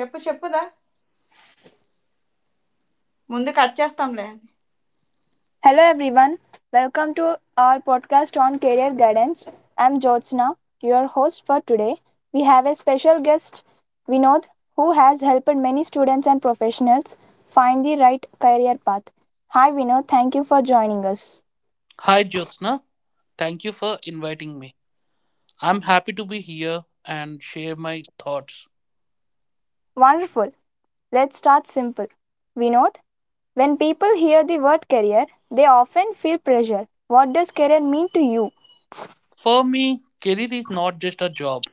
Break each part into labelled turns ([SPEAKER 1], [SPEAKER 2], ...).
[SPEAKER 1] చెప్పు చెప్పుదా ముందు కట్ చేస్తాంలే
[SPEAKER 2] Hello everyone. Welcome to our podcast on career guidance. I'm Jyotsna, your host for today. We have a special guest, Vinod, who has helped many students and professionals find the right career path. Hi Vinod, thank you for joining us.
[SPEAKER 1] Hi, Jyotsna. Thank you for inviting me. I'm happy to be here and share my thoughts.
[SPEAKER 2] Wonderful. Let's start simple. Vinod, when people hear the word career, they often feel pressure. What does career mean to you?
[SPEAKER 1] For me, career is not just a job,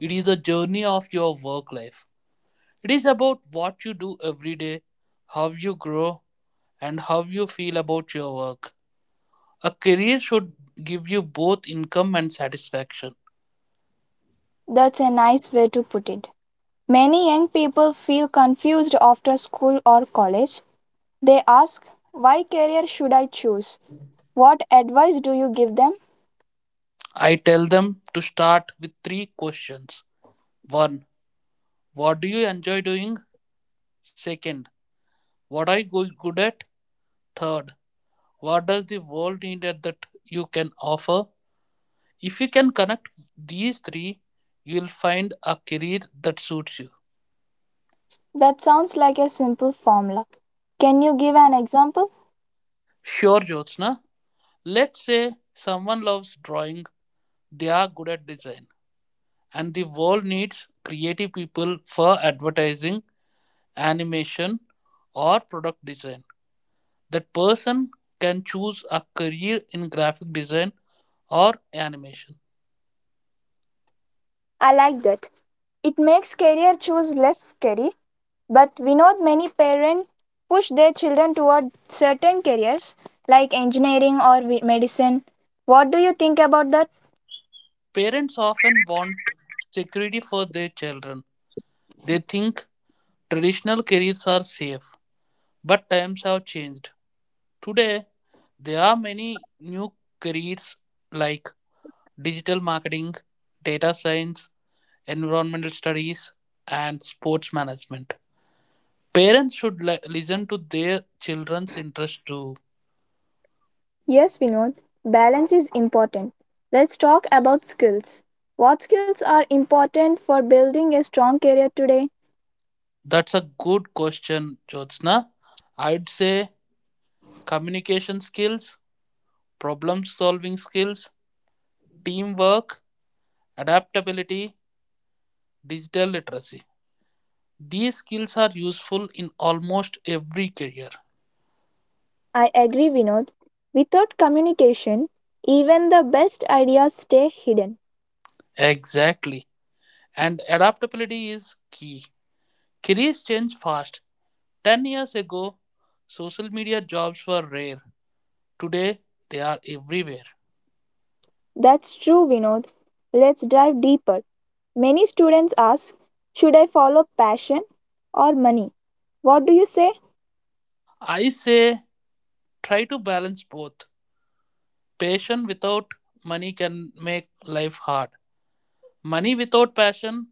[SPEAKER 1] it is a journey of your work life. It is about what you do every day, how you grow, and how you feel about your work. A career should give you both income and satisfaction.
[SPEAKER 2] That's a nice way to put it. Many young people feel confused after school or college. They ask, why career should I choose? What advice do you give them?
[SPEAKER 1] I tell them to start with three questions. 1. What do you enjoy doing? Second, what are you good at? Third, what does the world need at that you can offer? If you can connect these three, you will find a career that suits you.
[SPEAKER 2] That sounds like a simple formula. Can you give an example?
[SPEAKER 1] Sure, Jyotsna. Let's say someone loves drawing, they are good at design, and the world needs creative people for advertising, animation, or product design. That person can choose a career in graphic design or animation.
[SPEAKER 2] I like that. It makes career choice less scary, but we know many parents push their children toward certain careers like engineering or medicine. What do you think about that?
[SPEAKER 1] Parents often want security for their children. They think traditional careers are safe, but times have changed. Today, there are many new careers like digital marketing, data science, environmental studies, and sports management. Parents should listen to their children's interest too.
[SPEAKER 2] Yes, Vinod, balance is important. Let's talk about skills. What skills are important for building a strong career today?
[SPEAKER 1] That's a good question, Jyotsna. I'd say communication skills, problem solving skills, teamwork, adaptability, digital literacy. These skills are useful in almost every career.
[SPEAKER 2] I agree, Vinod. Without communication, even the best ideas stay hidden.
[SPEAKER 1] Exactly. And adaptability is key. Careers change fast. 10 years ago, social media jobs were rare. Today, they are everywhere.
[SPEAKER 2] That's true, Vinod. Let's dive deeper. Many students ask, should I follow passion or money? What do you say?
[SPEAKER 1] I say try to balance both. Passion without money can make life hard. Money without passion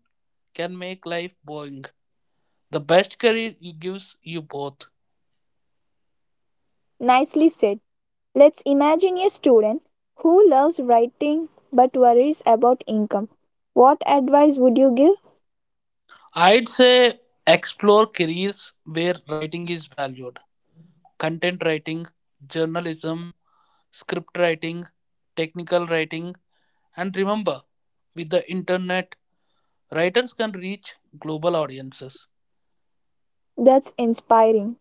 [SPEAKER 1] can make life boring. The best career gives you both.
[SPEAKER 2] Nicely said. Let's imagine a student who loves writing but worries about income. What advice would you give?
[SPEAKER 1] I'd say explore careers where writing is valued. Content writing, journalism, script writing, technical writing, and remember, with the internet, writers can reach global audiences.
[SPEAKER 2] That's inspiring.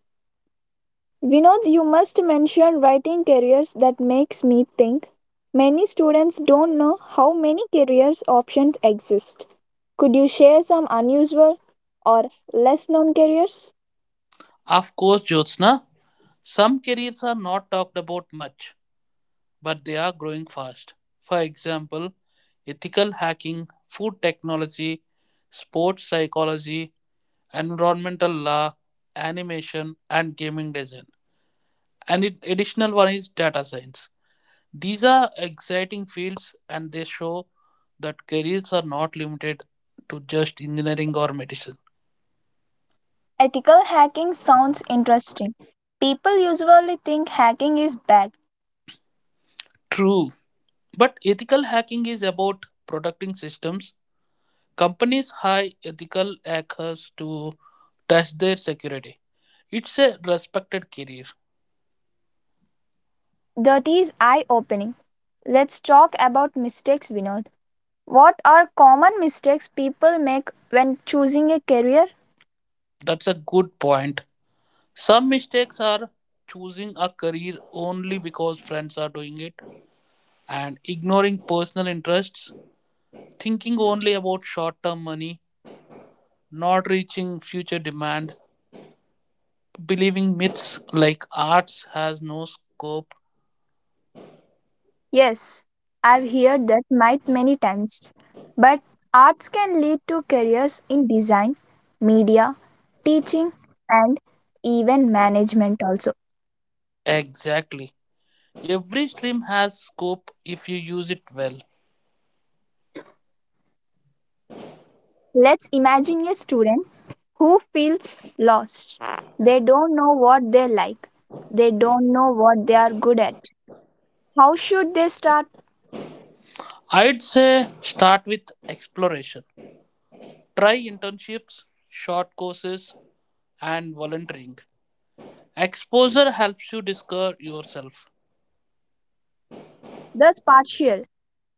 [SPEAKER 2] Vinod, you must mention writing careers that makes me think. Many students don't know how many careers options exist. Could you share some unusual or less known careers?
[SPEAKER 1] Of course, Jyotsna, some careers are not talked about much, but they are growing fast. For example, ethical hacking, food technology, sports psychology, environmental law, animation, and gaming design. And additional one is data science. These are exciting fields and they show that careers are not limited to just engineering or medicine.
[SPEAKER 2] Ethical hacking sounds interesting. People usually think hacking is bad.
[SPEAKER 1] True, but ethical hacking is about protecting systems. Companies hire ethical hackers to test their security. It's a respected career.
[SPEAKER 2] That is eye opening. Let's talk about mistakes, Vinod. What are common mistakes people make when choosing a career?
[SPEAKER 1] That's a good point. Some mistakes are choosing a career only because friends are doing it and ignoring personal interests, thinking only about short term money, not reaching future demand, believing myths like arts has no scope.
[SPEAKER 2] Yes, I've heard that might many times. But arts can lead to careers in design, media, teaching, and even management also.
[SPEAKER 1] Exactly. Every stream has scope if you use it well.
[SPEAKER 2] Let's imagine a student who feels lost. They don't know what they like. They don't know what they are good at. How should they start?
[SPEAKER 1] I'd say start with exploration. Try internships, short courses, and volunteering. Exposure helps you discover yourself.
[SPEAKER 2] Thus partial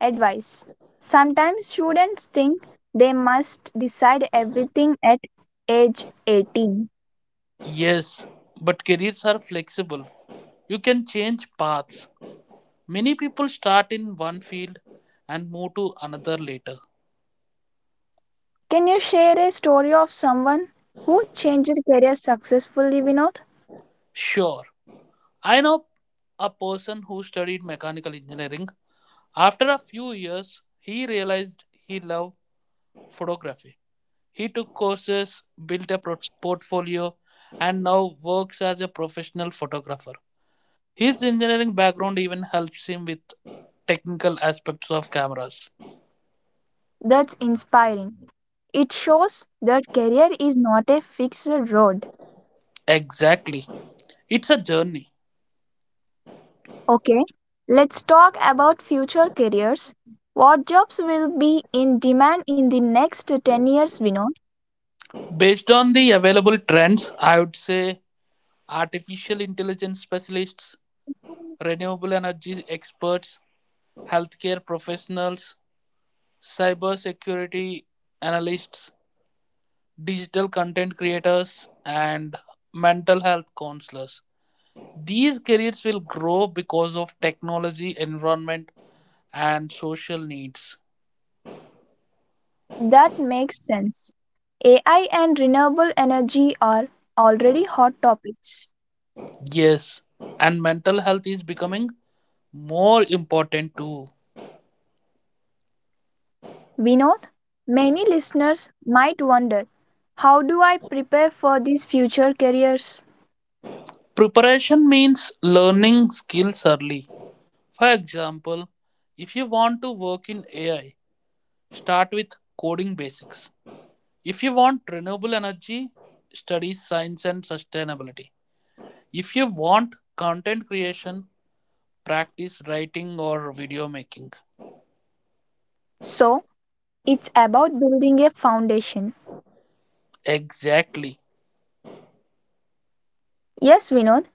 [SPEAKER 2] advice. Sometimes students think they must decide everything at age 18.
[SPEAKER 1] Yes, but careers are flexible. You can change paths. Many people start in one field and move to another later.
[SPEAKER 2] Can you share a story of someone who changed career successfully, Vinod?
[SPEAKER 1] Sure, I know a person who studied mechanical engineering. After a few years, he realized he loved photography. He took courses, built a portfolio, and now works as a professional photographer. His engineering background even helps him with technical aspects of cameras.
[SPEAKER 2] That's inspiring. It shows that career is not a fixed road.
[SPEAKER 1] Exactly. It's a journey.
[SPEAKER 2] Okay, let's talk about future careers. What jobs will be in demand in the next 10 years, Vinod?
[SPEAKER 1] Based on the available trends, I would say artificial intelligence specialists, renewable energy experts, healthcare professionals, cybersecurity analysts, digital content creators, and mental health counselors. These careers will grow because of technology, environment, and social needs.
[SPEAKER 2] That makes sense. AI and renewable energy are already hot topics.
[SPEAKER 1] Yes, and mental health is becoming more important too.
[SPEAKER 2] Vinod, many listeners might wonder, how do I prepare for these future careers?
[SPEAKER 1] Preparation means learning skills early. For example, if you want to work in AI, start with coding basics. If you want renewable energy, study science and sustainability. If you want content creation, practice writing or video making.
[SPEAKER 2] So, it's about building a foundation.
[SPEAKER 1] Exactly.
[SPEAKER 2] Yes, Vinod,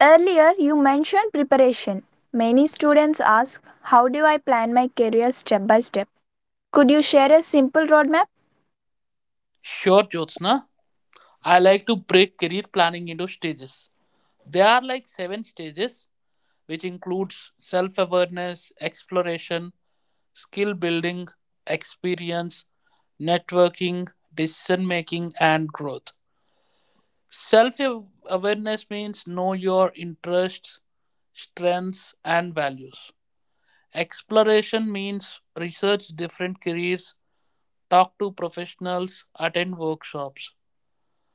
[SPEAKER 2] earlier you mentioned preparation. Many students ask, how do I plan my career step by step? Could you share a simple roadmap?
[SPEAKER 1] Sure, Jyotsna. I like to break career planning into stages. There are like seven stages, which includes self awareness, exploration, skill building, experience, networking, decision making, and growth. Self awareness means know your interests, strengths, and values. Exploration means research different careers, talk to professionals, attend workshops.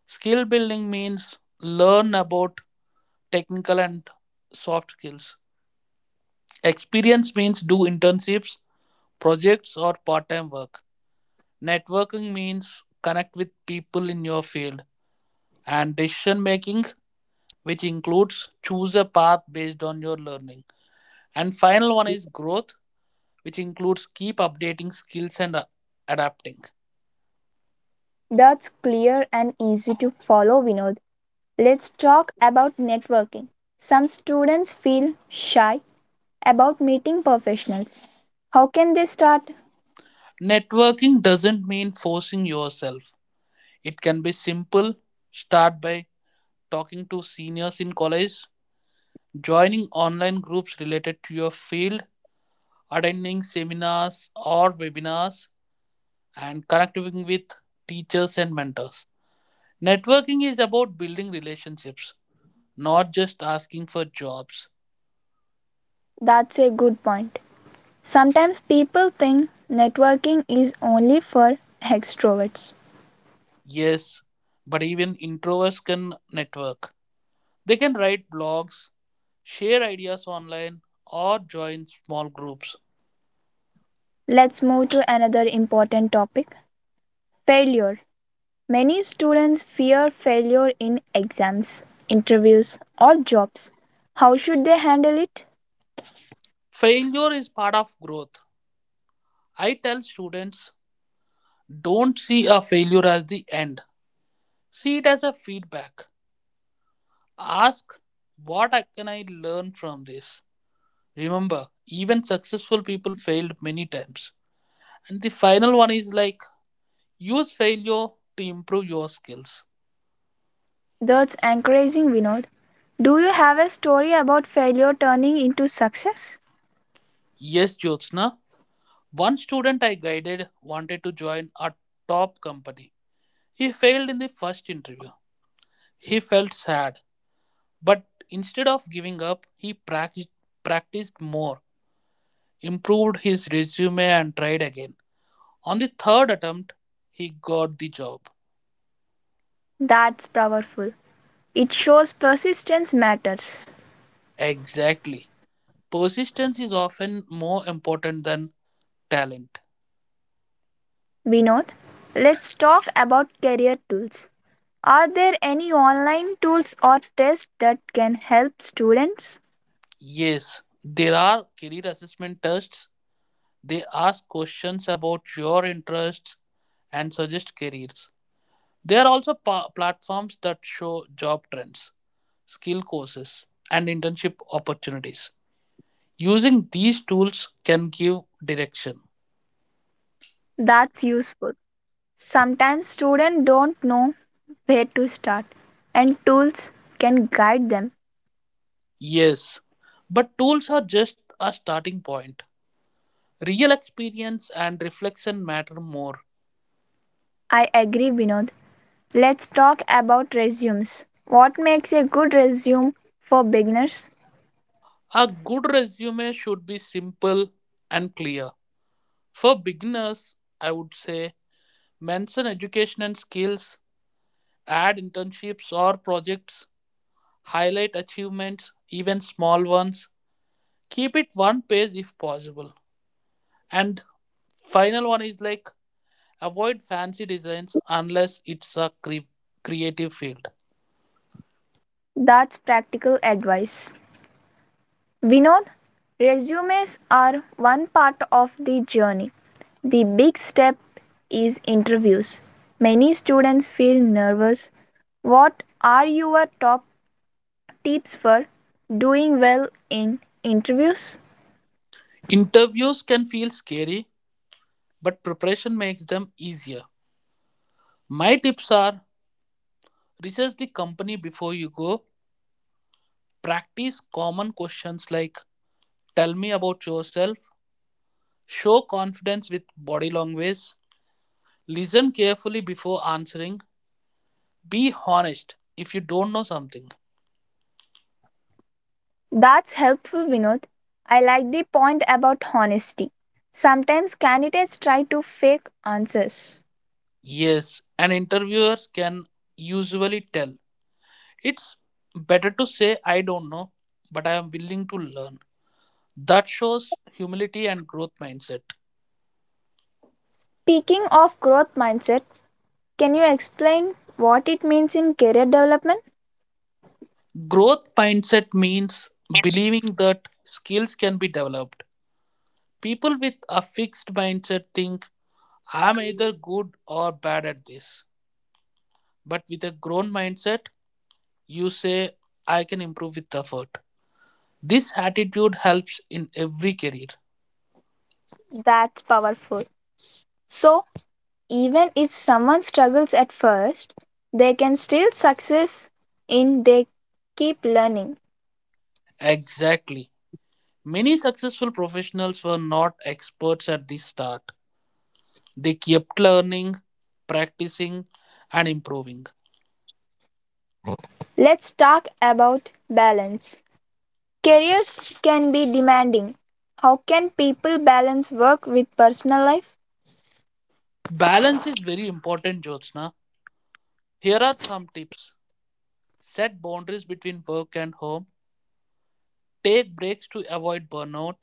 [SPEAKER 1] Skill building means learn about technical and soft skills. Experience means do internships, projects, or part time work. Networking means connect with people in your field and decision making, which includes choose a path based on your learning. And final one is growth, which includes keep updating skills and adapting.
[SPEAKER 2] That's clear and easy to follow, Vinod. Let's talk about networking. Some students feel shy about meeting professionals. How can they start?
[SPEAKER 1] Networking doesn't mean forcing yourself. It can be simple. Start by talking to seniors in college, joining online groups related to your field, attending seminars or webinars, and connecting with teachers and mentors. Networking is about building relationships, not just asking for jobs.
[SPEAKER 2] That's a good point. Sometimes people think networking is only for extroverts.
[SPEAKER 1] Yes, but even introverts can network. They can write blogs, share ideas online, or join small groups.
[SPEAKER 2] Let's move to another important topic, failure. Many students fear failure in exams, interviews, or jobs. How should they handle it?
[SPEAKER 1] Failure is part of growth. I tell students don't see a failure as the end, see it as a feedback. Ask what can I learn from this? Remember, even successful people failed many times. And the final one is like, use failure to improve your skills.
[SPEAKER 2] That's encouraging, Vinod. Do you have a story about failure turning into success?
[SPEAKER 1] Yes, Jyotsna. One student I guided wanted to join a top company. He failed in the first interview. He felt sad, but instead of giving up, he practiced, practiced more, improved his resume, and tried again. On the third attempt, he got the job.
[SPEAKER 2] That's powerful. It shows persistence matters.
[SPEAKER 1] Exactly. Persistence is often more important than talent.
[SPEAKER 2] Vinod, let's talk about career tools. Are there any online tools or tests that can help students?
[SPEAKER 1] Yes, there are career assessment tests. They ask questions about your interests and suggest careers. There are also platforms that show job trends, skill courses, and internship opportunities. Using these tools can give direction.
[SPEAKER 2] That's useful. Sometimes students don't know where to start, and tools can guide them.
[SPEAKER 1] Yes, but tools are just a starting point. Real experience and reflection matter more.
[SPEAKER 2] I agree, Vinod. Let's talk about resumes. What makes a good resume for beginners?
[SPEAKER 1] A good resume should be simple and clear. For beginners, I would say mention education and skills, add internships or projects, highlight achievements, even small ones. Keep it one page if possible. And final one is like avoid fancy designs unless it's a creative field.
[SPEAKER 2] That's practical advice. Vinod, resumes are one part of the journey. The big step is interviews. Many students feel nervous. What are your top tips for doing well in interviews?
[SPEAKER 1] Interviews can feel scary, but preparation makes them easier. My tips are research the company before you go, practice common questions like tell me about yourself, show confidence with body language, listen carefully before answering, be honest if you don't know something.
[SPEAKER 2] That's helpful, Vinod. I like the point about honesty. Sometimes candidates try to fake answers.
[SPEAKER 1] Yes, and interviewers can usually tell. It's better to say, I don't know, but I am willing to learn. That shows humility and growth mindset.
[SPEAKER 2] Speaking of growth mindset, can you explain what it means in career development?
[SPEAKER 1] Growth mindset means believing that skills can be developed. People with a fixed mindset think, I'm either good or bad at this. But with a grown mindset, you say, I can improve with effort. This attitude helps in every career.
[SPEAKER 2] That's powerful. So, even if someone struggles at first, they can still success in they keep learning.
[SPEAKER 1] Exactly. Many successful professionals were not experts at the start. They kept learning, practicing, and improving.
[SPEAKER 2] Let's talk about balance. Careers can be demanding. How can people balance work with personal life?
[SPEAKER 1] Balance is very important, Jyotsna. Here are some tips: set boundaries between work and home, take breaks to avoid burnout,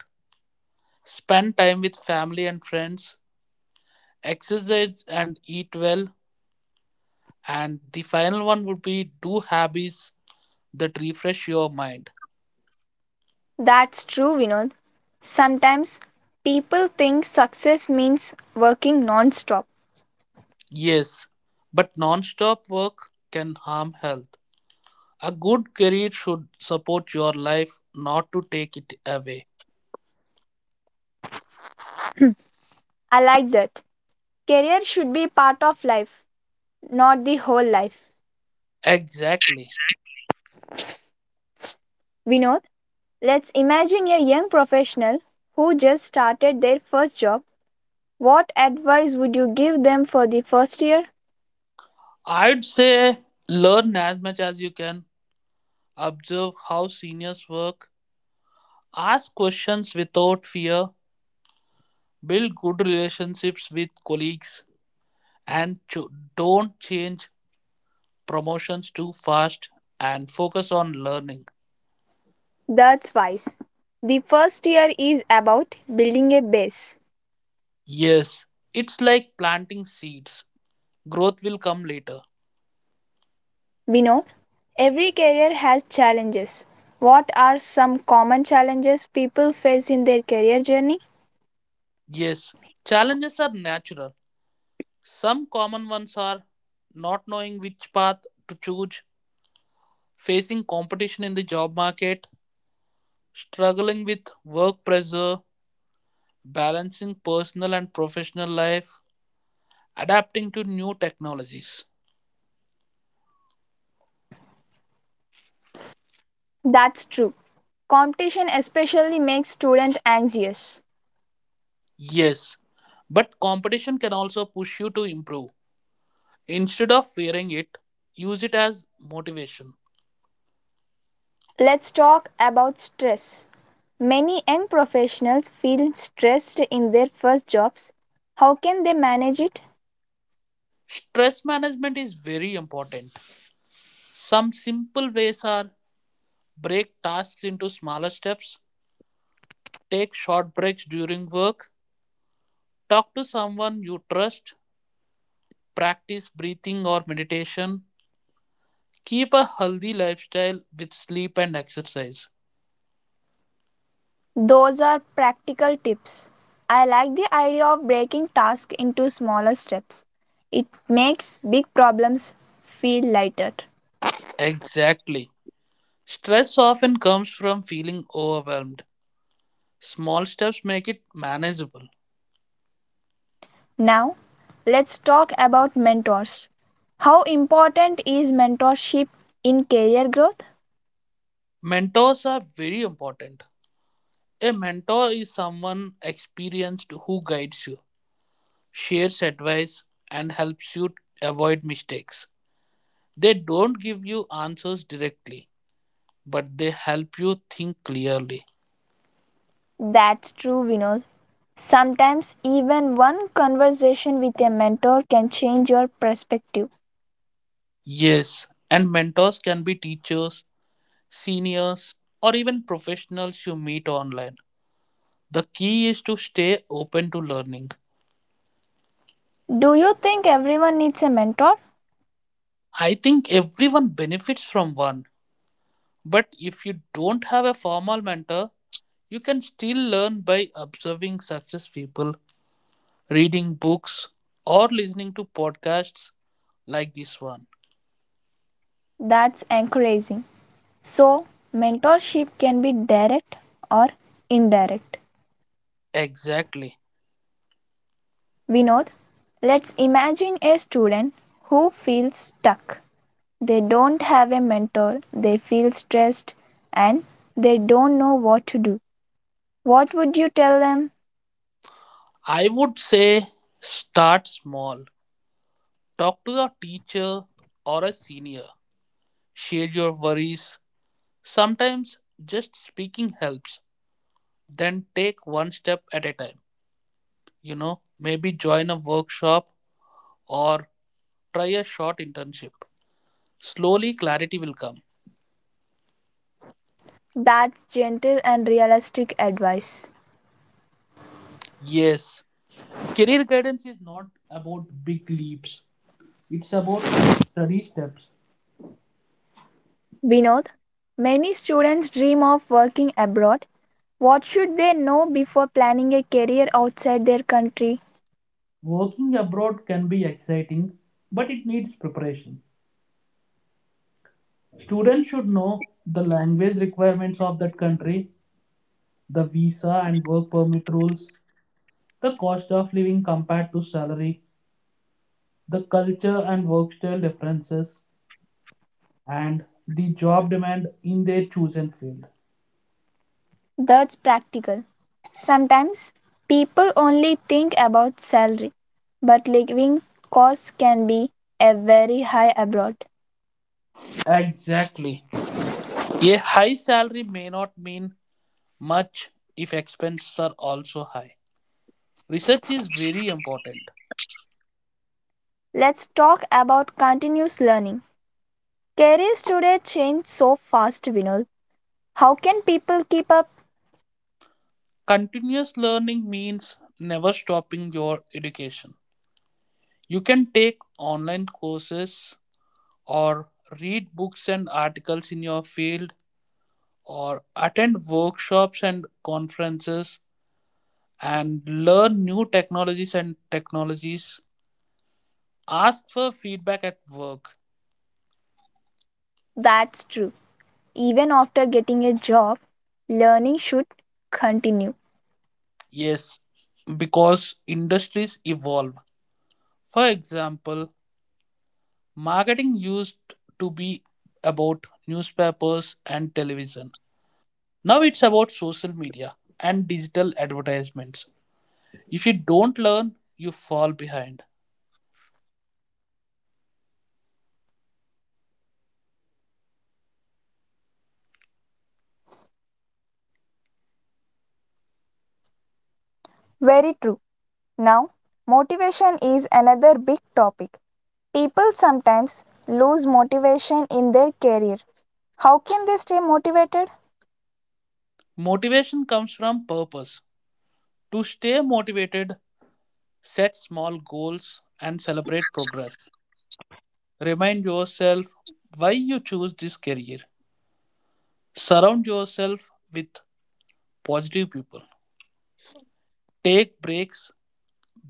[SPEAKER 1] spend time with family and friends, exercise and eat well. And the final one would be do hobbies that refresh your mind.
[SPEAKER 2] That's true, Vinod. Sometimes people think success means working non-stop.
[SPEAKER 1] Yes, but non-stop work can harm health. A good career should support your life, not to take it away.
[SPEAKER 2] I like that. Career should be part of life, not the whole life.
[SPEAKER 1] Exactly.
[SPEAKER 2] Vinod, let's imagine a young professional who just started their first job. What advice would you give them for the first year?
[SPEAKER 1] I'd say learn as much as you can, observe how seniors work, ask questions without fear, build good relationships with colleagues, and don't change promotions too fast and focus on learning.
[SPEAKER 2] That's wise. The first year is about building a base.
[SPEAKER 1] Yes, it's like planting seeds. Growth will come later.
[SPEAKER 2] Vinod, every career has challenges. What are some common challenges people face in their career journey?
[SPEAKER 1] Yes, challenges are natural. Some common ones are not knowing which path to choose, facing competition in the job market, struggling with work pressure, balancing personal and professional life, adapting to new technologies.
[SPEAKER 2] That's true. Competition especially makes students anxious.
[SPEAKER 1] Yes, but competition can also push you to improve. Instead of fearing it, use it as motivation.
[SPEAKER 2] Let's talk about stress. Many young professionals feel stressed in their first jobs. How can they manage it?
[SPEAKER 1] Stress management is very important. Some simple ways are break tasks into smaller steps, take short breaks during work. Talk to someone you trust. Practice breathing or meditation. Keep a healthy lifestyle with sleep and exercise.
[SPEAKER 2] Those are practical tips. I like the idea of breaking tasks into smaller steps. It makes big problems feel lighter.
[SPEAKER 1] Exactly. Stress often comes from feeling overwhelmed. Small steps make it manageable.
[SPEAKER 2] Now, let's talk about mentors. How important is mentorship in career growth?
[SPEAKER 1] Mentors are very important. A mentor is someone experienced who guides you, shares advice, and helps you avoid mistakes. They don't give you answers directly but they help you think clearly.
[SPEAKER 2] That's true, Vinod. Sometimes even one conversation with a mentor can change your perspective.
[SPEAKER 1] Yes, and mentors can be teachers, seniors, or even professionals you meet online. The key is to stay open to learning.
[SPEAKER 2] Do you think everyone needs a mentor?
[SPEAKER 1] I think everyone benefits from one, but if you don't have a formal mentor, you can still learn by observing success people, reading books, or listening to podcasts like this one.
[SPEAKER 2] That's encouraging. So, mentorship can be direct or indirect.
[SPEAKER 1] Exactly.
[SPEAKER 2] Vinod, let's imagine a student who feels stuck. They don't have a mentor, they feel stressed, and they don't know what to do. What would you tell them?
[SPEAKER 1] I would say start small. Talk to a teacher or a senior. Share your worries. Sometimes just speaking helps. Then take one step at a time. You know, maybe join a workshop or try a short internship. Slowly, clarity will come.
[SPEAKER 2] That's gentle and realistic advice.
[SPEAKER 1] Yes, career guidance is not about big leaps, it's about steady steps.
[SPEAKER 2] Vinod, many students dream of working abroad. What should they know before planning a career outside their country?
[SPEAKER 1] Working abroad can be exciting, but it needs preparation. Students should know the language requirements of that country, the visa and work permit rules, the cost of living compared to salary, the culture and work style differences, and the job demand in their chosen field.
[SPEAKER 2] That's practical. Sometimes people only think about salary, but living costs can be a very high abroad.
[SPEAKER 1] Exactly. A high salary may not mean much if expenses are also high. Research is very important.
[SPEAKER 2] Let's talk about continuous learning. Careers today change so fast, Vinod. How can people keep up?
[SPEAKER 1] Continuous learning means never stopping your education. You can take online courses or read books and articles in your field or attend workshops and conferences and learn new technologies. Ask for feedback at work.
[SPEAKER 2] That's true. Even after getting a job, learning should continue.
[SPEAKER 1] Yes, because industries evolve. For example, marketing used to be about newspapers and television. Now it's about social media and digital advertisements. If you don't learn, you fall behind.
[SPEAKER 2] Very true. Now, motivation is another big topic. People sometimes lose motivation in their career. How can they stay motivated?
[SPEAKER 1] Motivation comes from purpose. To stay motivated, Set small goals and celebrate progress. Remind yourself why you choose this career. Surround yourself with positive people. Take breaks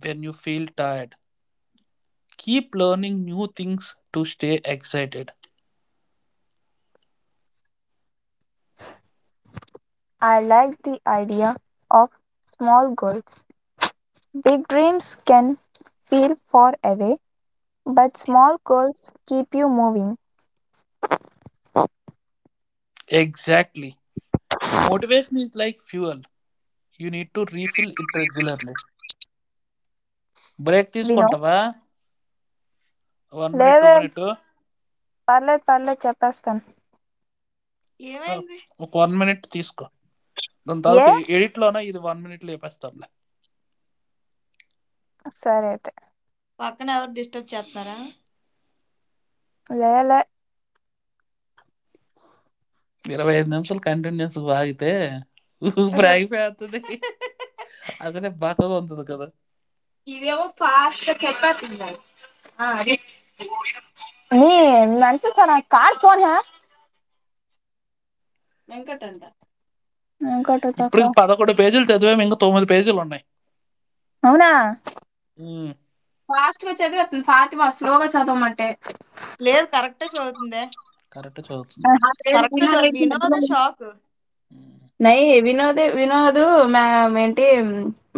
[SPEAKER 1] when you feel tired. Keep learning new things to stay excited.
[SPEAKER 2] I like the idea of small goals. Big dreams can feel far away, but small goals keep you moving.
[SPEAKER 1] Exactly. Motivation is like fuel. You need to refill it regularly. Break
[SPEAKER 2] We know.
[SPEAKER 1] తీసుకుంటావా one minute two
[SPEAKER 2] Later.
[SPEAKER 1] Minute
[SPEAKER 2] పర్లేదు పర్లేదు చెప్పేస్తాను
[SPEAKER 1] ఏమైంది ఒక one minute తీసుకో దాని
[SPEAKER 2] ఏ
[SPEAKER 1] తర్వాత ఎడిట్లోనే ఇది వన్ మినిట్ లేపేస్తాంలే
[SPEAKER 2] సరే అయితే
[SPEAKER 1] పక్కన ఎవరు డిస్టర్బ్ చేస్తున్నారా
[SPEAKER 2] లేలే
[SPEAKER 1] 25 నిమిషాలు కంటిన్యూస్‌గా ఆగితే ఊపిరి ఆగిపోయేత్తది. అసలే బక్కగా ఉంటుంది కదా!
[SPEAKER 2] ఇదేమో ఫాస్ట్ గా చెప్పేస్తుంది ఆ, అది మీ అంటే నాకు కార్ ఫోన్ హా వెంకట్ అంట ఇంకోటి
[SPEAKER 1] ఇప్పుడు
[SPEAKER 2] తక్కువ
[SPEAKER 1] 11 పేజీలు చదివాము. ఇంకా 9 పేజీలు ఉన్నాయి.
[SPEAKER 2] అవునా
[SPEAKER 1] హ్మ్.
[SPEAKER 2] ఫాతిమా స్లోగా చదవమంటే
[SPEAKER 1] లేదు కరెక్ట్ చదువుతుందే కరెక్ట్ చదువుతుంది.
[SPEAKER 2] ఆ పేరు
[SPEAKER 1] కరెక్ట్
[SPEAKER 2] వినోద్
[SPEAKER 1] చదువు
[SPEAKER 2] అయితే
[SPEAKER 1] వినోద
[SPEAKER 2] మధ్యలో
[SPEAKER 1] షాక్ హ్మ్.
[SPEAKER 2] నై వినోదే వినోద్ ఏంటి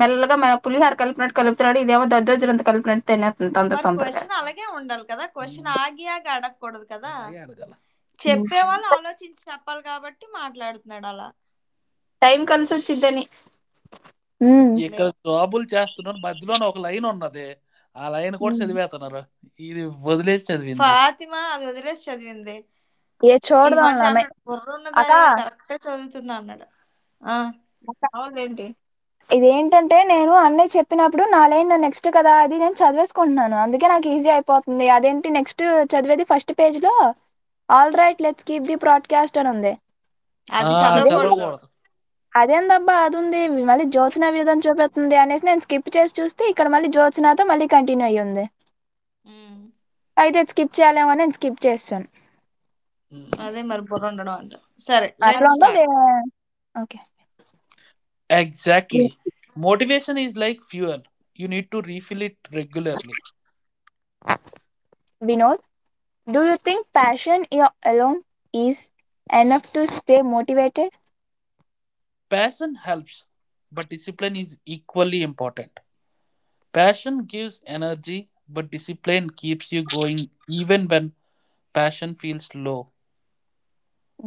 [SPEAKER 2] మెల్లగా మన పులిహార కలిపినట్టు కలుపుతున్నాడు ఇదేమో దద్దోజులంత కలిపినట్టు తినేస్తుంది తొందర
[SPEAKER 1] మరి
[SPEAKER 2] తొందరగా
[SPEAKER 1] క్వశ్చన్ అలాగే ఉండాలి కదా క్వశ్చన్ హ్మ్. ఆగి ఆగి అడగకూడదు కదా అలాగే అడగాల. చెప్పేవాళ్ళు ఆలోచించి చెప్పాలి కాబట్టి మాట్లాడుతున్నాడు అలా
[SPEAKER 2] టైం కలిసి వచ్చిద్దని ఉమ్.
[SPEAKER 1] ఇక్కడ నేను జాబులు చేస్తున్నారు. మధ్యలోనే ఒక లైనున్నది. ఆ లైన్ కూడా చదివేతన్నారు. ఇది వదిలేసి చదివింది. ఫాతిమా అది వదిలేసి చదివింది.
[SPEAKER 2] ఏ
[SPEAKER 1] ఈ
[SPEAKER 2] చూడదాం
[SPEAKER 1] మనిషి
[SPEAKER 2] అమ్మాయి
[SPEAKER 1] అంటున్నాడు
[SPEAKER 2] అక్క
[SPEAKER 1] బుర్రున్నదాయే కరెక్టే చదువుతుందన్నాడు. ఆ! ఆ!
[SPEAKER 2] అవునండి ఇదేంటంటే నేను అన్నయ్య చెప్పినప్పుడు నా లైన్ నెక్స్ట్ కదా అది ఇది అని చదివేసుకుంటున్నాను. అందుకే నాకు ఈజీ అయిపోతుంది. అదేంటి నెక్స్ట్ చదివేది ఫస్ట్ పేజ్‌లో alright let's keep the broadcast అనుంది.
[SPEAKER 1] అది అది చదవకూడదు.
[SPEAKER 2] ఇదేంటి
[SPEAKER 1] చదవకూడదు.
[SPEAKER 2] అదేందబ్బా అదుంది. మళ్ళీ జ్యోత్స్న విరుధం చూపిత్తుంది అనేసి నేను స్కిప్ చేసి చూస్తే ఇక్కడ మళ్ళీ జ్యోత్స్నతో మళ్ళీ కంటిన్యూ అయ్యుంది.
[SPEAKER 1] హ్మ్.
[SPEAKER 2] అయితే ఇది స్కిప్ చేయాలేమో అని నేను స్కిప్ చేసేసాను.
[SPEAKER 1] హ్మ్. అదే మరి బుర్రుండడం అంట. సరే
[SPEAKER 2] అట్లా
[SPEAKER 1] లెట్స్
[SPEAKER 2] అవును.
[SPEAKER 1] స్టార్ట్.
[SPEAKER 2] ఉండదే okay.
[SPEAKER 1] Exactly. Motivation is like fuel. You need to refill it regularly.
[SPEAKER 2] Vinod do you think passion you alone is enough to stay motivated?
[SPEAKER 1] Passion helps, but discipline is equally important. Passion gives energy, but discipline keeps you going even when passion feels low.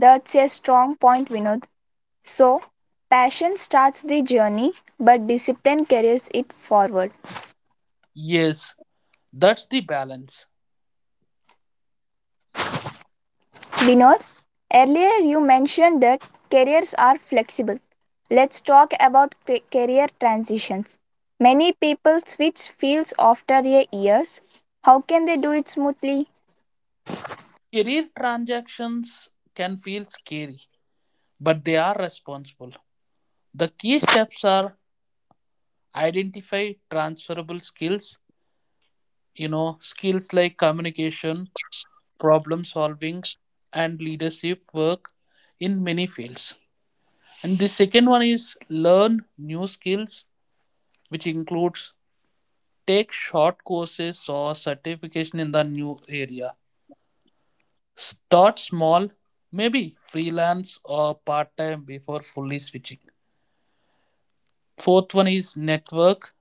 [SPEAKER 2] That's a strong point Vinod. So, passion starts the journey, but discipline carries it forward.
[SPEAKER 1] Yes, that's the balance.
[SPEAKER 2] Vinod, earlier you mentioned that careers are flexible. Let's talk about career transitions. Many people switch fields after a years. How can they do it smoothly?
[SPEAKER 1] Career transactions can feel scary, but they are responsible. The key steps are identify transferable skills, skills like communication, problem solving, and leadership work in many fields. And the second one is learn new skills, which includes Take short courses or certification in the new area. Start small, maybe freelance or part time before fully switching. Fourth one is network,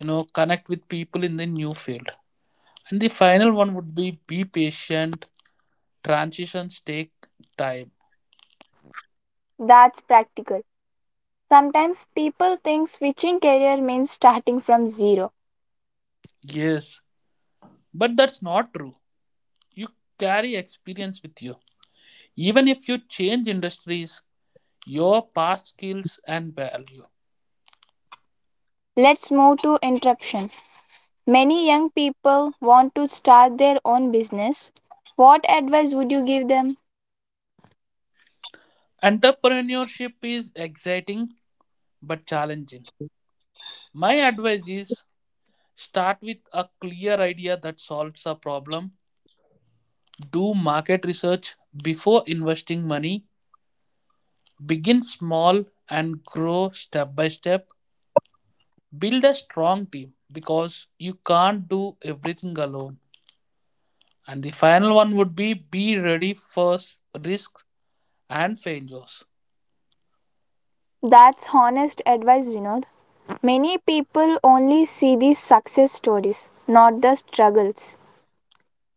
[SPEAKER 1] you know, connect with people in the new field. And the final one would be patient. Transitions take time.
[SPEAKER 2] That's practical. Sometimes people think switching career means starting from zero.
[SPEAKER 1] Yes, but that's not true. You carry experience with you. Even if you change industries, your past skills and value
[SPEAKER 2] Let's move to interruption. Many young people want to start their own business. What advice would you give them?
[SPEAKER 1] Entrepreneurship is exciting but challenging. My advice is start with a clear idea that solves a problem. Do market research before investing money. Begin small and grow step by step. Build a strong team because you can't do everything alone. And the final one would be ready for risk and failures.
[SPEAKER 2] That's honest advice, Vinod. Many people only see the success stories, not the struggles.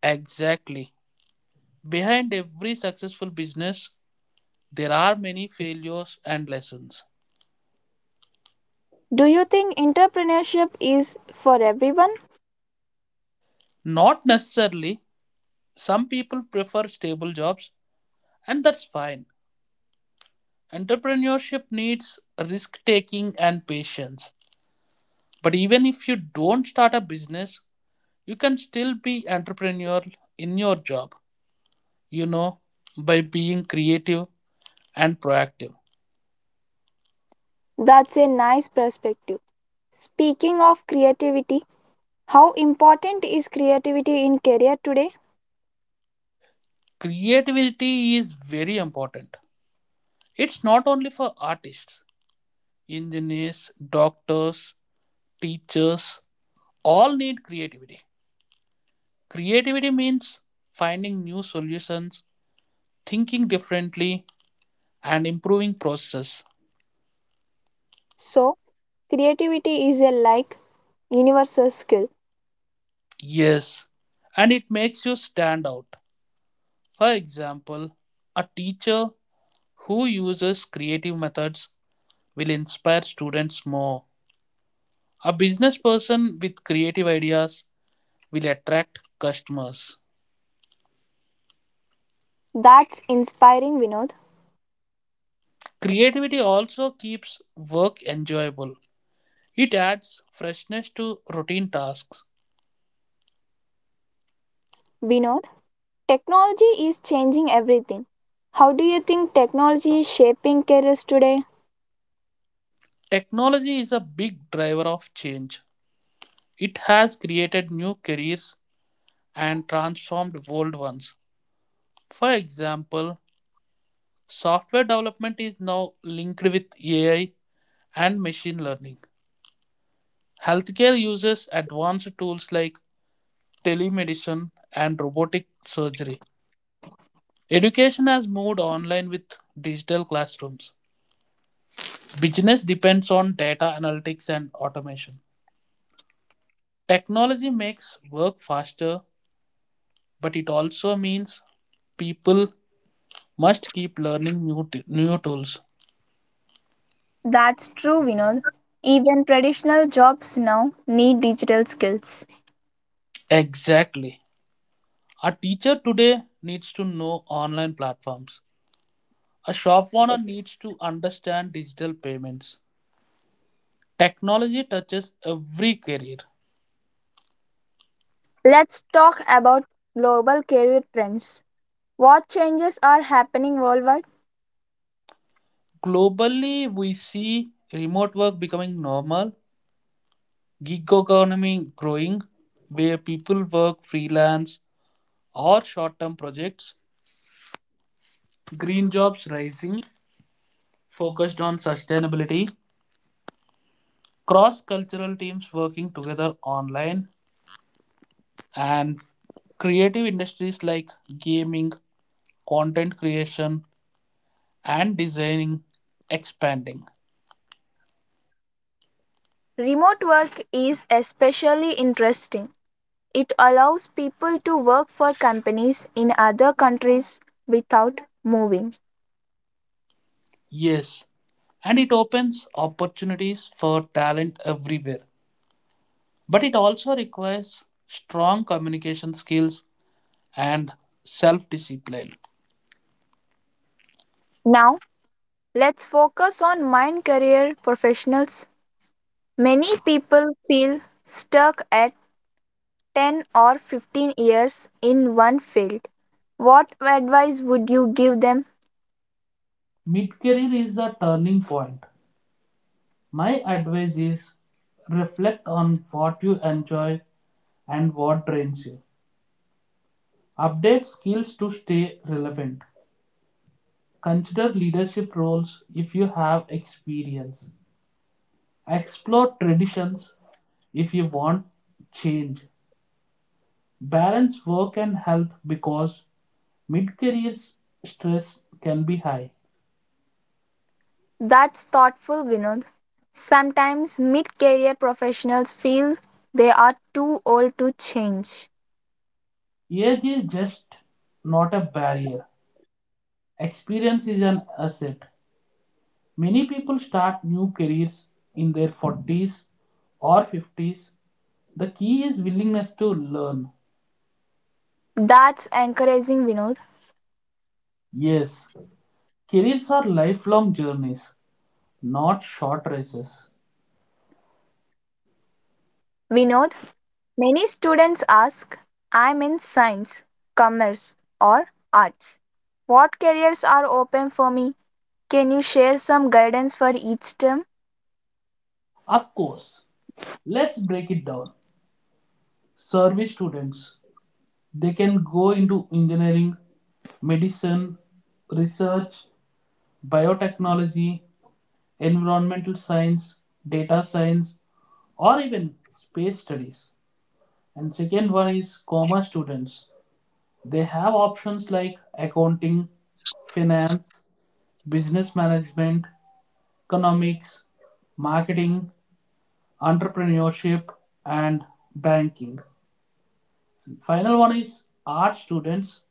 [SPEAKER 1] Exactly. Behind every successful business There are many failures and lessons.
[SPEAKER 2] Do you think entrepreneurship is for everyone?
[SPEAKER 1] Not necessarily. Some people prefer stable jobs, and that's fine. Entrepreneurship needs risk taking and patience. But even if you don't start a business, you can still be entrepreneurial in your job, you know, by being creative and proactive.
[SPEAKER 2] That's a nice perspective. Speaking of creativity, how important is creativity in career today?
[SPEAKER 1] Creativity is very important. It's not only for artists, engineers, doctors, teachers, all need creativity. Creativity means finding new solutions, thinking differently, and improving processes.
[SPEAKER 2] So, creativity is a like universal skill.
[SPEAKER 1] Yes, and it makes you stand out. For example, a teacher who uses creative methods will inspire students more. A business person with creative ideas will attract customers.
[SPEAKER 2] That's inspiring, Vinod.
[SPEAKER 1] Creativity also keeps work enjoyable. It adds freshness to routine tasks
[SPEAKER 2] Vinod, technology is changing everything. How do you think technology is shaping careers today?
[SPEAKER 1] Technology is a big driver of change. It has created new careers and transformed old ones. For example, software development is now linked with AI and machine learning. Healthcare uses advanced tools like telemedicine and robotic surgery. Education has moved online with digital classrooms. Business depends on data analytics and automation. Technology makes work faster, but it also means people must keep learning new tools.
[SPEAKER 2] That's true, Vinod. Even traditional jobs now need digital skills.
[SPEAKER 1] Exactly. A teacher today needs to know online platforms. A shop owner needs to understand digital payments. Technology touches every career.
[SPEAKER 2] Let's talk about global career trends. What changes are happening worldwide?
[SPEAKER 1] Globally, we see remote work becoming normal, gig economy growing, where people work freelance or short term projects, green jobs rising, focused on sustainability, cross-cultural teams working together online and creative industries like gaming, content creation, and designing expanding.
[SPEAKER 2] Remote work is especially interesting. It allows people to work for companies in other countries without moving.
[SPEAKER 1] Yes, and it opens opportunities for talent everywhere. But it also requires strong communication skills and self discipline.
[SPEAKER 2] Now, let's focus on mind career professionals. Many people feel stuck at 10 or 15 years in one field. What advice would you give them?
[SPEAKER 1] Mid career is a turning point. My advice is reflect on what you enjoy and what drains you. Update skills to stay relevant. Consider leadership roles if you have experience. Explore traditions if you want change. Balance work and health because mid career stress can be high.
[SPEAKER 2] That's thoughtful, Vinod. Sometimes mid career professionals feel they are too old to change.
[SPEAKER 1] Age is just not a barrier, experience is an asset. Many people start new careers in their 40s or 50s. The key is willingness to learn.
[SPEAKER 2] That's encouraging, Vinod.
[SPEAKER 1] Yes, careers are lifelong journeys, not short races.
[SPEAKER 2] Vinod, many students ask, I'm in science, commerce, or arts. What careers are open for me? Can you share some guidance for each term?
[SPEAKER 1] Of course, let's break it down. Service students, they can go into engineering, medicine, research, biotechnology, environmental science, data science, or even space studies. And second one is commerce students. They have options like accounting, finance, business management, economics, marketing, entrepreneurship and banking final one is art students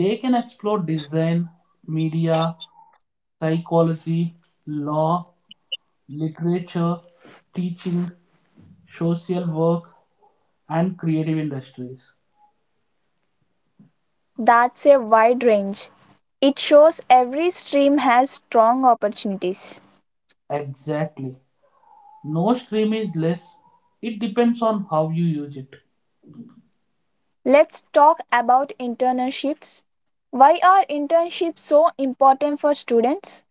[SPEAKER 1] they can explore design media psychology law literature teaching social work and creative industries
[SPEAKER 2] That's a wide range. It shows every stream has strong opportunities.
[SPEAKER 1] exactly no stream is less it depends on how you use it
[SPEAKER 2] Let's talk about internships. Why are internships so important for students?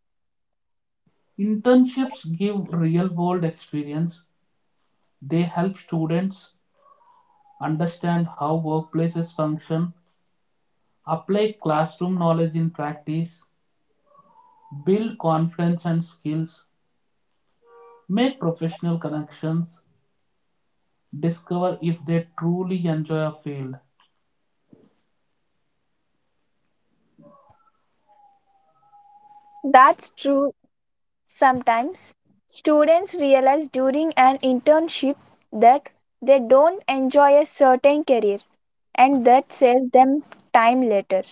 [SPEAKER 1] Internships give real world experience. They help students understand how workplaces function apply classroom knowledge in practice, build confidence and skills, make professional connections, discover if they truly enjoy a field.
[SPEAKER 2] That's true sometimes. Students realize during an internship that they don't enjoy a certain career, and that saves them time later.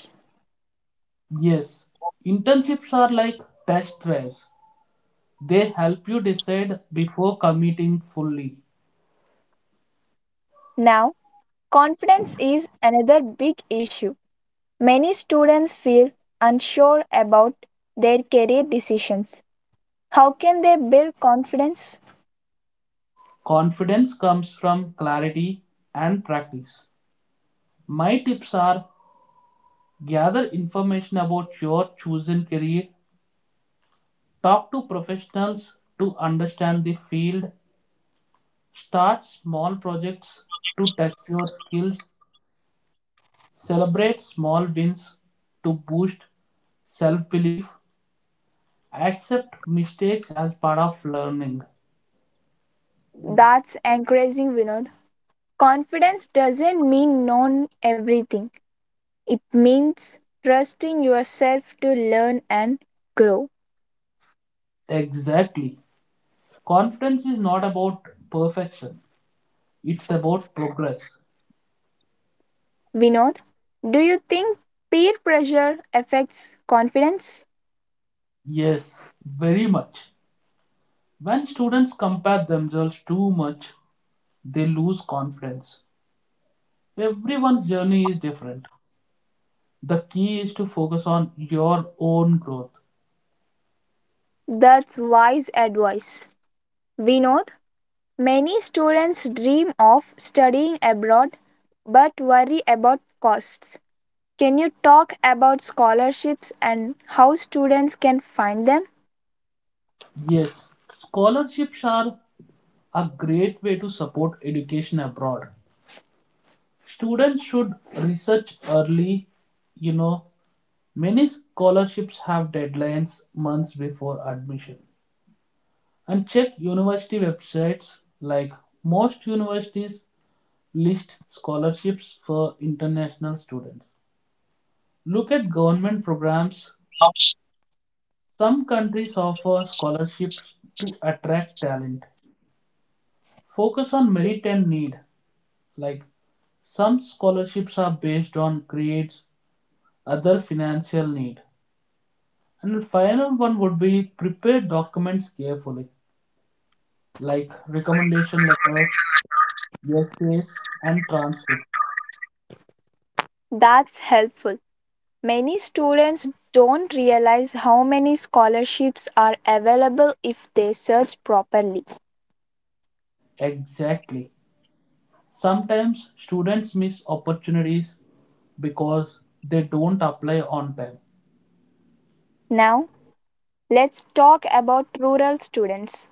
[SPEAKER 1] Yes, internships are like test drives. They help you decide before committing fully.
[SPEAKER 2] Now, confidence is another big issue. Many students feel unsure about their career decisions. How can they build confidence?
[SPEAKER 1] Confidence comes from clarity and practice. My tips are gather information about your chosen career, talk to professionals to understand the field, start small projects to test your skills, celebrate small wins to boost self belief, accept mistakes as part of learning.
[SPEAKER 2] That's encouraging, Vinod. Confidence doesn't mean knowing everything, it means trusting yourself to learn and grow.
[SPEAKER 1] Exactly. Confidence is not about perfection, it's about progress.
[SPEAKER 2] Vinod, do you think peer pressure affects confidence?
[SPEAKER 1] Yes, very much. When students compare themselves too much, they lose confidence. Everyone's journey is different. The key is to focus on your own growth.
[SPEAKER 2] That's wise advice. Vinod, many students dream of studying abroad but worry about costs. Can you talk about scholarships and how students can find them?
[SPEAKER 1] Yes, scholarships are a great way to support education abroad. Students should research early. You know, many scholarships have deadlines months before admission. And check university websites like most universities list scholarships for international students. Look at government programs. Some countries offer scholarships to attract talent. Focus on merit and need, like Some scholarships are based on grades, other financial need. And the final one would be prepare documents carefully, like recommendation letters, essays, and transcripts.
[SPEAKER 2] That's helpful. Many students don't realize how many scholarships are available if they search properly.
[SPEAKER 1] Exactly. Sometimes students miss opportunities because they don't apply on time.
[SPEAKER 2] Now, let's talk about rural students.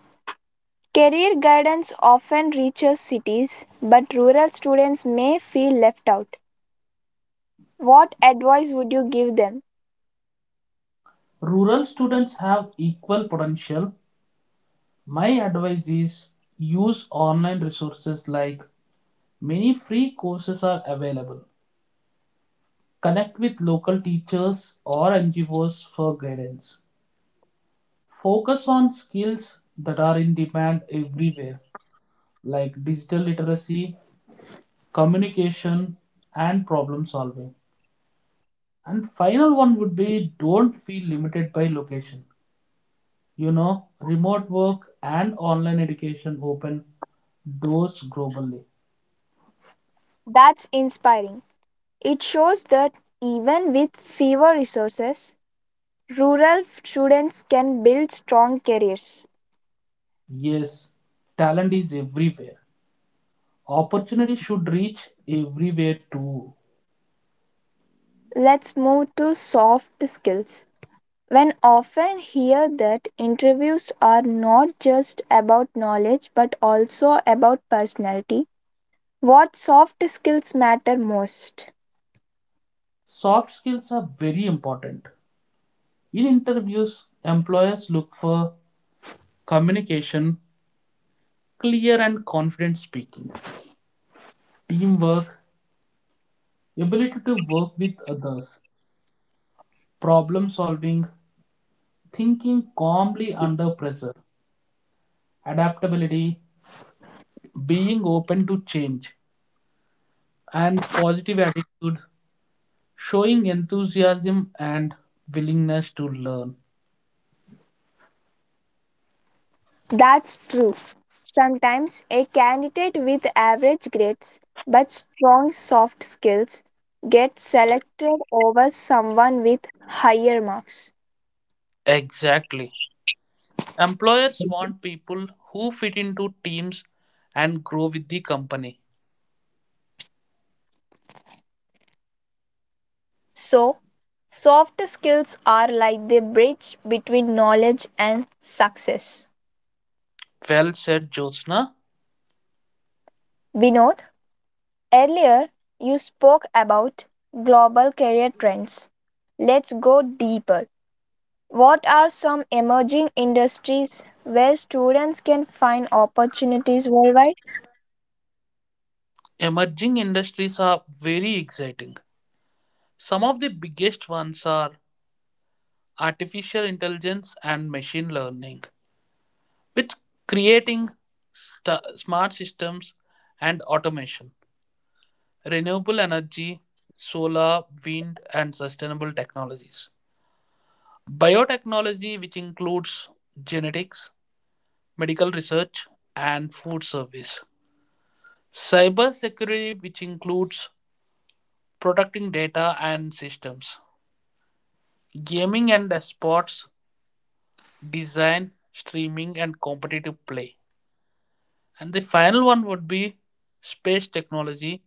[SPEAKER 2] Career guidance often reaches cities, but rural students may feel left out. What advice would you give them?
[SPEAKER 1] Rural students have equal potential. My advice is use online resources like many free courses are available. Connect with local teachers or NGOs for guidance. Focus on skills that are in demand everywhere, like digital literacy, communication, and problem solving. And final one would be don't feel limited by location. Remote work and online education open doors globally.
[SPEAKER 2] That's inspiring. It shows that even with fewer resources, rural students can build strong careers.
[SPEAKER 1] Yes, talent is everywhere. Opportunity should reach everywhere too.
[SPEAKER 2] Let's move to soft skills. When often hear that interviews are not just about knowledge but also about personality, what soft skills matter most?
[SPEAKER 1] Soft skills are very important. In interviews, employers look for communication, clear and confident speaking, teamwork, ability to work with others, problem solving, thinking calmly under pressure, adaptability, being open to change, and positive attitude, showing enthusiasm and willingness to learn.
[SPEAKER 2] That's true. Sometimes a candidate with average grades but strong soft skills gets selected over someone with higher marks.
[SPEAKER 1] Exactly. Employers want people who fit into teams and grow with the company.
[SPEAKER 2] So, soft skills are like the bridge between knowledge and success.
[SPEAKER 1] Well said, Jyotsna.
[SPEAKER 2] Vinod, earlier you spoke about global career trends. Let's go deeper. What are some emerging industries where students can find opportunities worldwide?
[SPEAKER 1] Emerging industries are very exciting. Some of the biggest ones are artificial intelligence and machine learning, which creating smart systems and automation, renewable energy, solar, wind and sustainable technologies. Biotechnology which includes genetics, medical research and food service. Cybersecurity which includes protecting data and systems gaming and sports, design, streaming, and competitive play. And the final one would be space technology,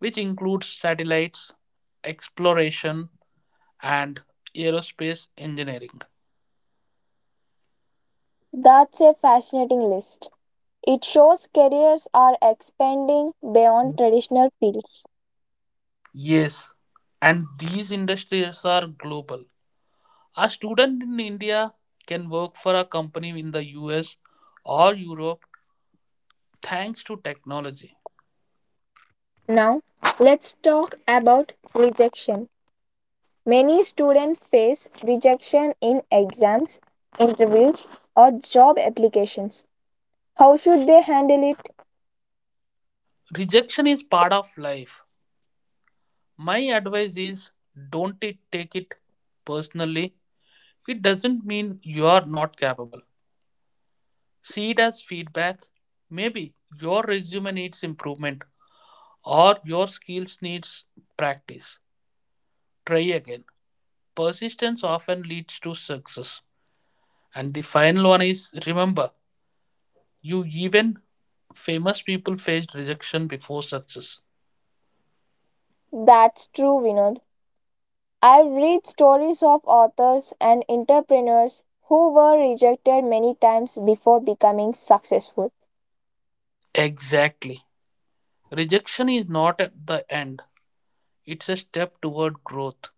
[SPEAKER 1] which includes satellites, exploration, and aerospace engineering.
[SPEAKER 2] That's a fascinating list. It shows careers are expanding beyond traditional fields.
[SPEAKER 1] Yes, and these industries are global. A student in India can work for a company in the US or Europe thanks to technology.
[SPEAKER 2] Now, let's talk about rejection. Many students face rejection in exams, interviews, or job applications. How should they handle it?
[SPEAKER 1] Rejection is part of life, my advice is don't it take it personally. It doesn't mean you are not capable. See it as feedback. Maybe your resume needs improvement or your skills needs practice. Try again. Persistence often leads to success. And the final one is remember, you even famous people faced rejection before success.
[SPEAKER 2] That's true, Vinod. I've read stories of authors and entrepreneurs who were rejected many times before becoming successful.
[SPEAKER 1] Exactly. Rejection is not at the end. It's a step toward growth.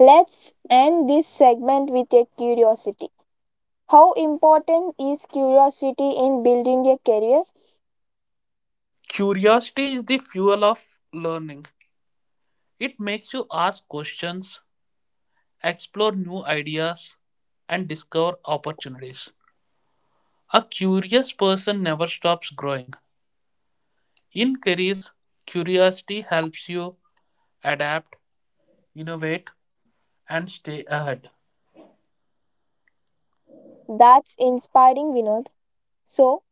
[SPEAKER 2] Let's end this segment with a curiosity. How important is curiosity in building a career?
[SPEAKER 1] Curiosity is the fuel of learning. It makes you ask questions, explore new ideas, and discover opportunities. A curious person never stops growing. In careers, curiosity helps you adapt, innovate, and stay ahead.
[SPEAKER 2] That's inspiring, Vinod. So,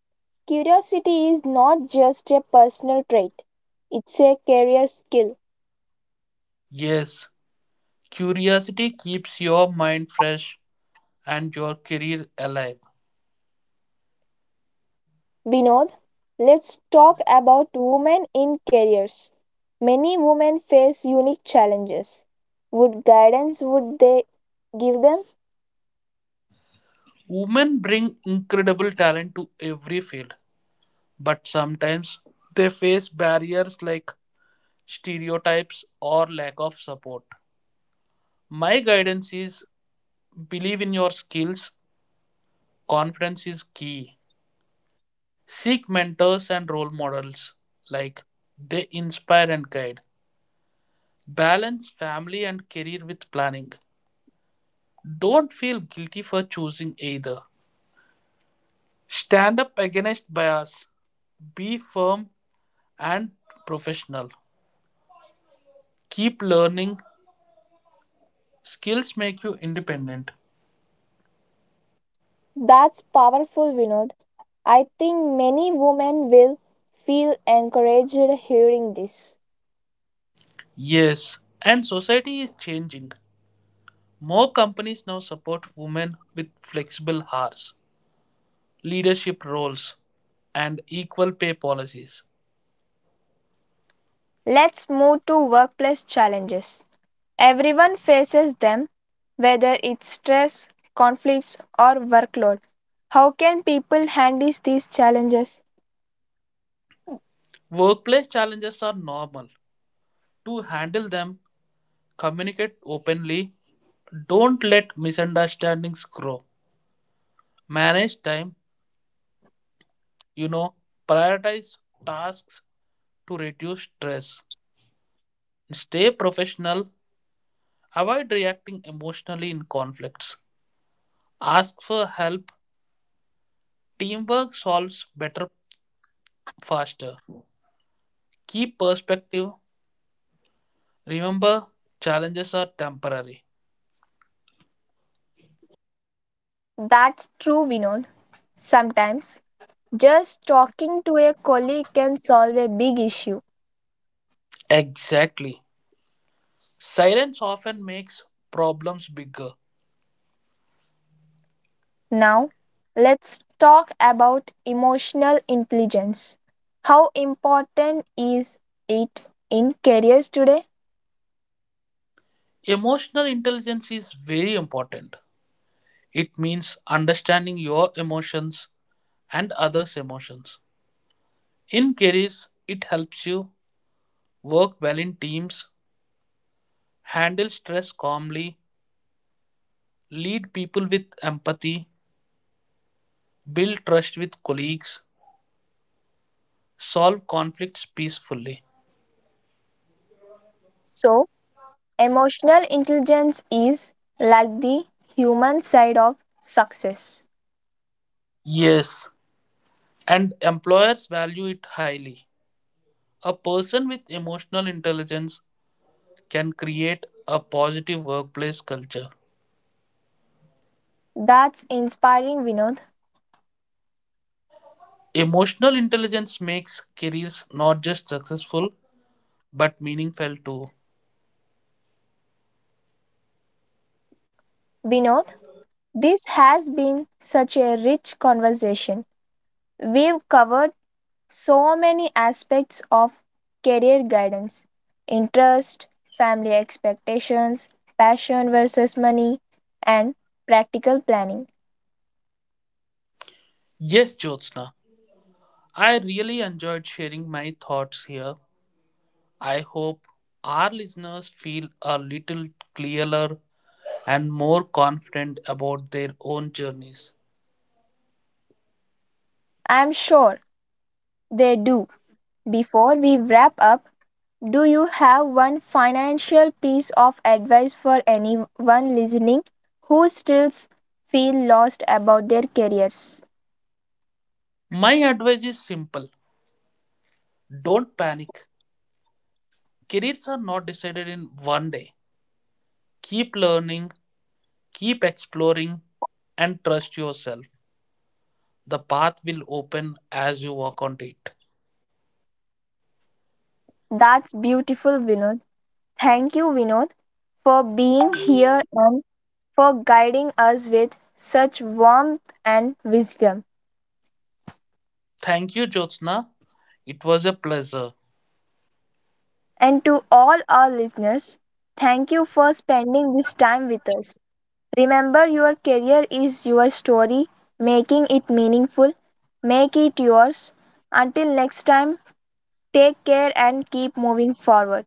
[SPEAKER 2] curiosity is not just a personal trait, it's a career skill.
[SPEAKER 1] Yes, curiosity keeps your mind fresh and your career alive.
[SPEAKER 2] Vinod, let's talk about women in careers. Many women face unique challenges. What guidance would they give them?
[SPEAKER 1] Women bring incredible talent to every field, but sometimes they face barriers like stereotypes, or lack of support. My guidance is believe in your skills, confidence is key. Seek mentors and role models, like they inspire and guide. Balance family and career with planning. Don't feel guilty for choosing either. Stand up against bias. Be firm and professional. Keep learning. Skills make you independent.
[SPEAKER 2] That's powerful, Vinod. I think many women will feel encouraged hearing this.
[SPEAKER 1] Yes, and society is changing. More companies now support women with flexible hours, leadership roles, and equal pay policies.
[SPEAKER 2] Let's move to workplace challenges. Everyone faces them, whether it's stress, conflicts, or workload. How can people handle these challenges?
[SPEAKER 1] Workplace challenges are normal. To handle them, communicate openly. Don't let misunderstandings grow. Manage time, you know, prioritize tasks to reduce stress. Stay professional. Avoid reacting emotionally in conflicts. Ask for help. Teamwork solves better faster. Keep perspective Remember, challenges are temporary.
[SPEAKER 2] That's true, Vinod. Sometimes just talking to a colleague can solve a big issue.
[SPEAKER 1] Exactly. Silence often makes problems bigger.
[SPEAKER 2] Now, let's talk about emotional intelligence. How important is it in careers today?
[SPEAKER 1] Emotional intelligence is very important. It means understanding your emotions and others' emotions. In careers, it helps you work well in teams, handle stress calmly, lead people with empathy, build trust with colleagues, solve conflicts peacefully.
[SPEAKER 2] So, emotional intelligence is like the human side of success.
[SPEAKER 1] Yes, and employers value it highly. A person with emotional intelligence can create a positive workplace culture.
[SPEAKER 2] That's inspiring, Vinod.
[SPEAKER 1] Emotional intelligence makes careers not just successful but meaningful too.
[SPEAKER 2] Vinod, this has been such a rich conversation. We've covered so many aspects of career guidance: interest, family expectations, passion versus money, and practical planning.
[SPEAKER 1] Yes, Jyotsna, I really enjoyed sharing my thoughts here. I hope our listeners feel a little clearer and more confident about their own journeys.
[SPEAKER 2] I'm sure they do. Before we wrap up, do you have one financial piece of advice for anyone listening who still feel lost about their careers?
[SPEAKER 1] My advice is simple don't panic. Careers are not decided in one day. Keep learning, keep exploring and trust yourself. The path will open as you walk on it.
[SPEAKER 2] That's beautiful, Vinod. Thank you, Vinod, for being here and for guiding us with such warmth and wisdom.
[SPEAKER 1] Thank you, Jyotsna. It was a pleasure.
[SPEAKER 2] And to all our listeners, thank you for spending this time with us. Remember, your career is your story. Making it meaningful, make it yours. Until next time, take care and keep moving forward.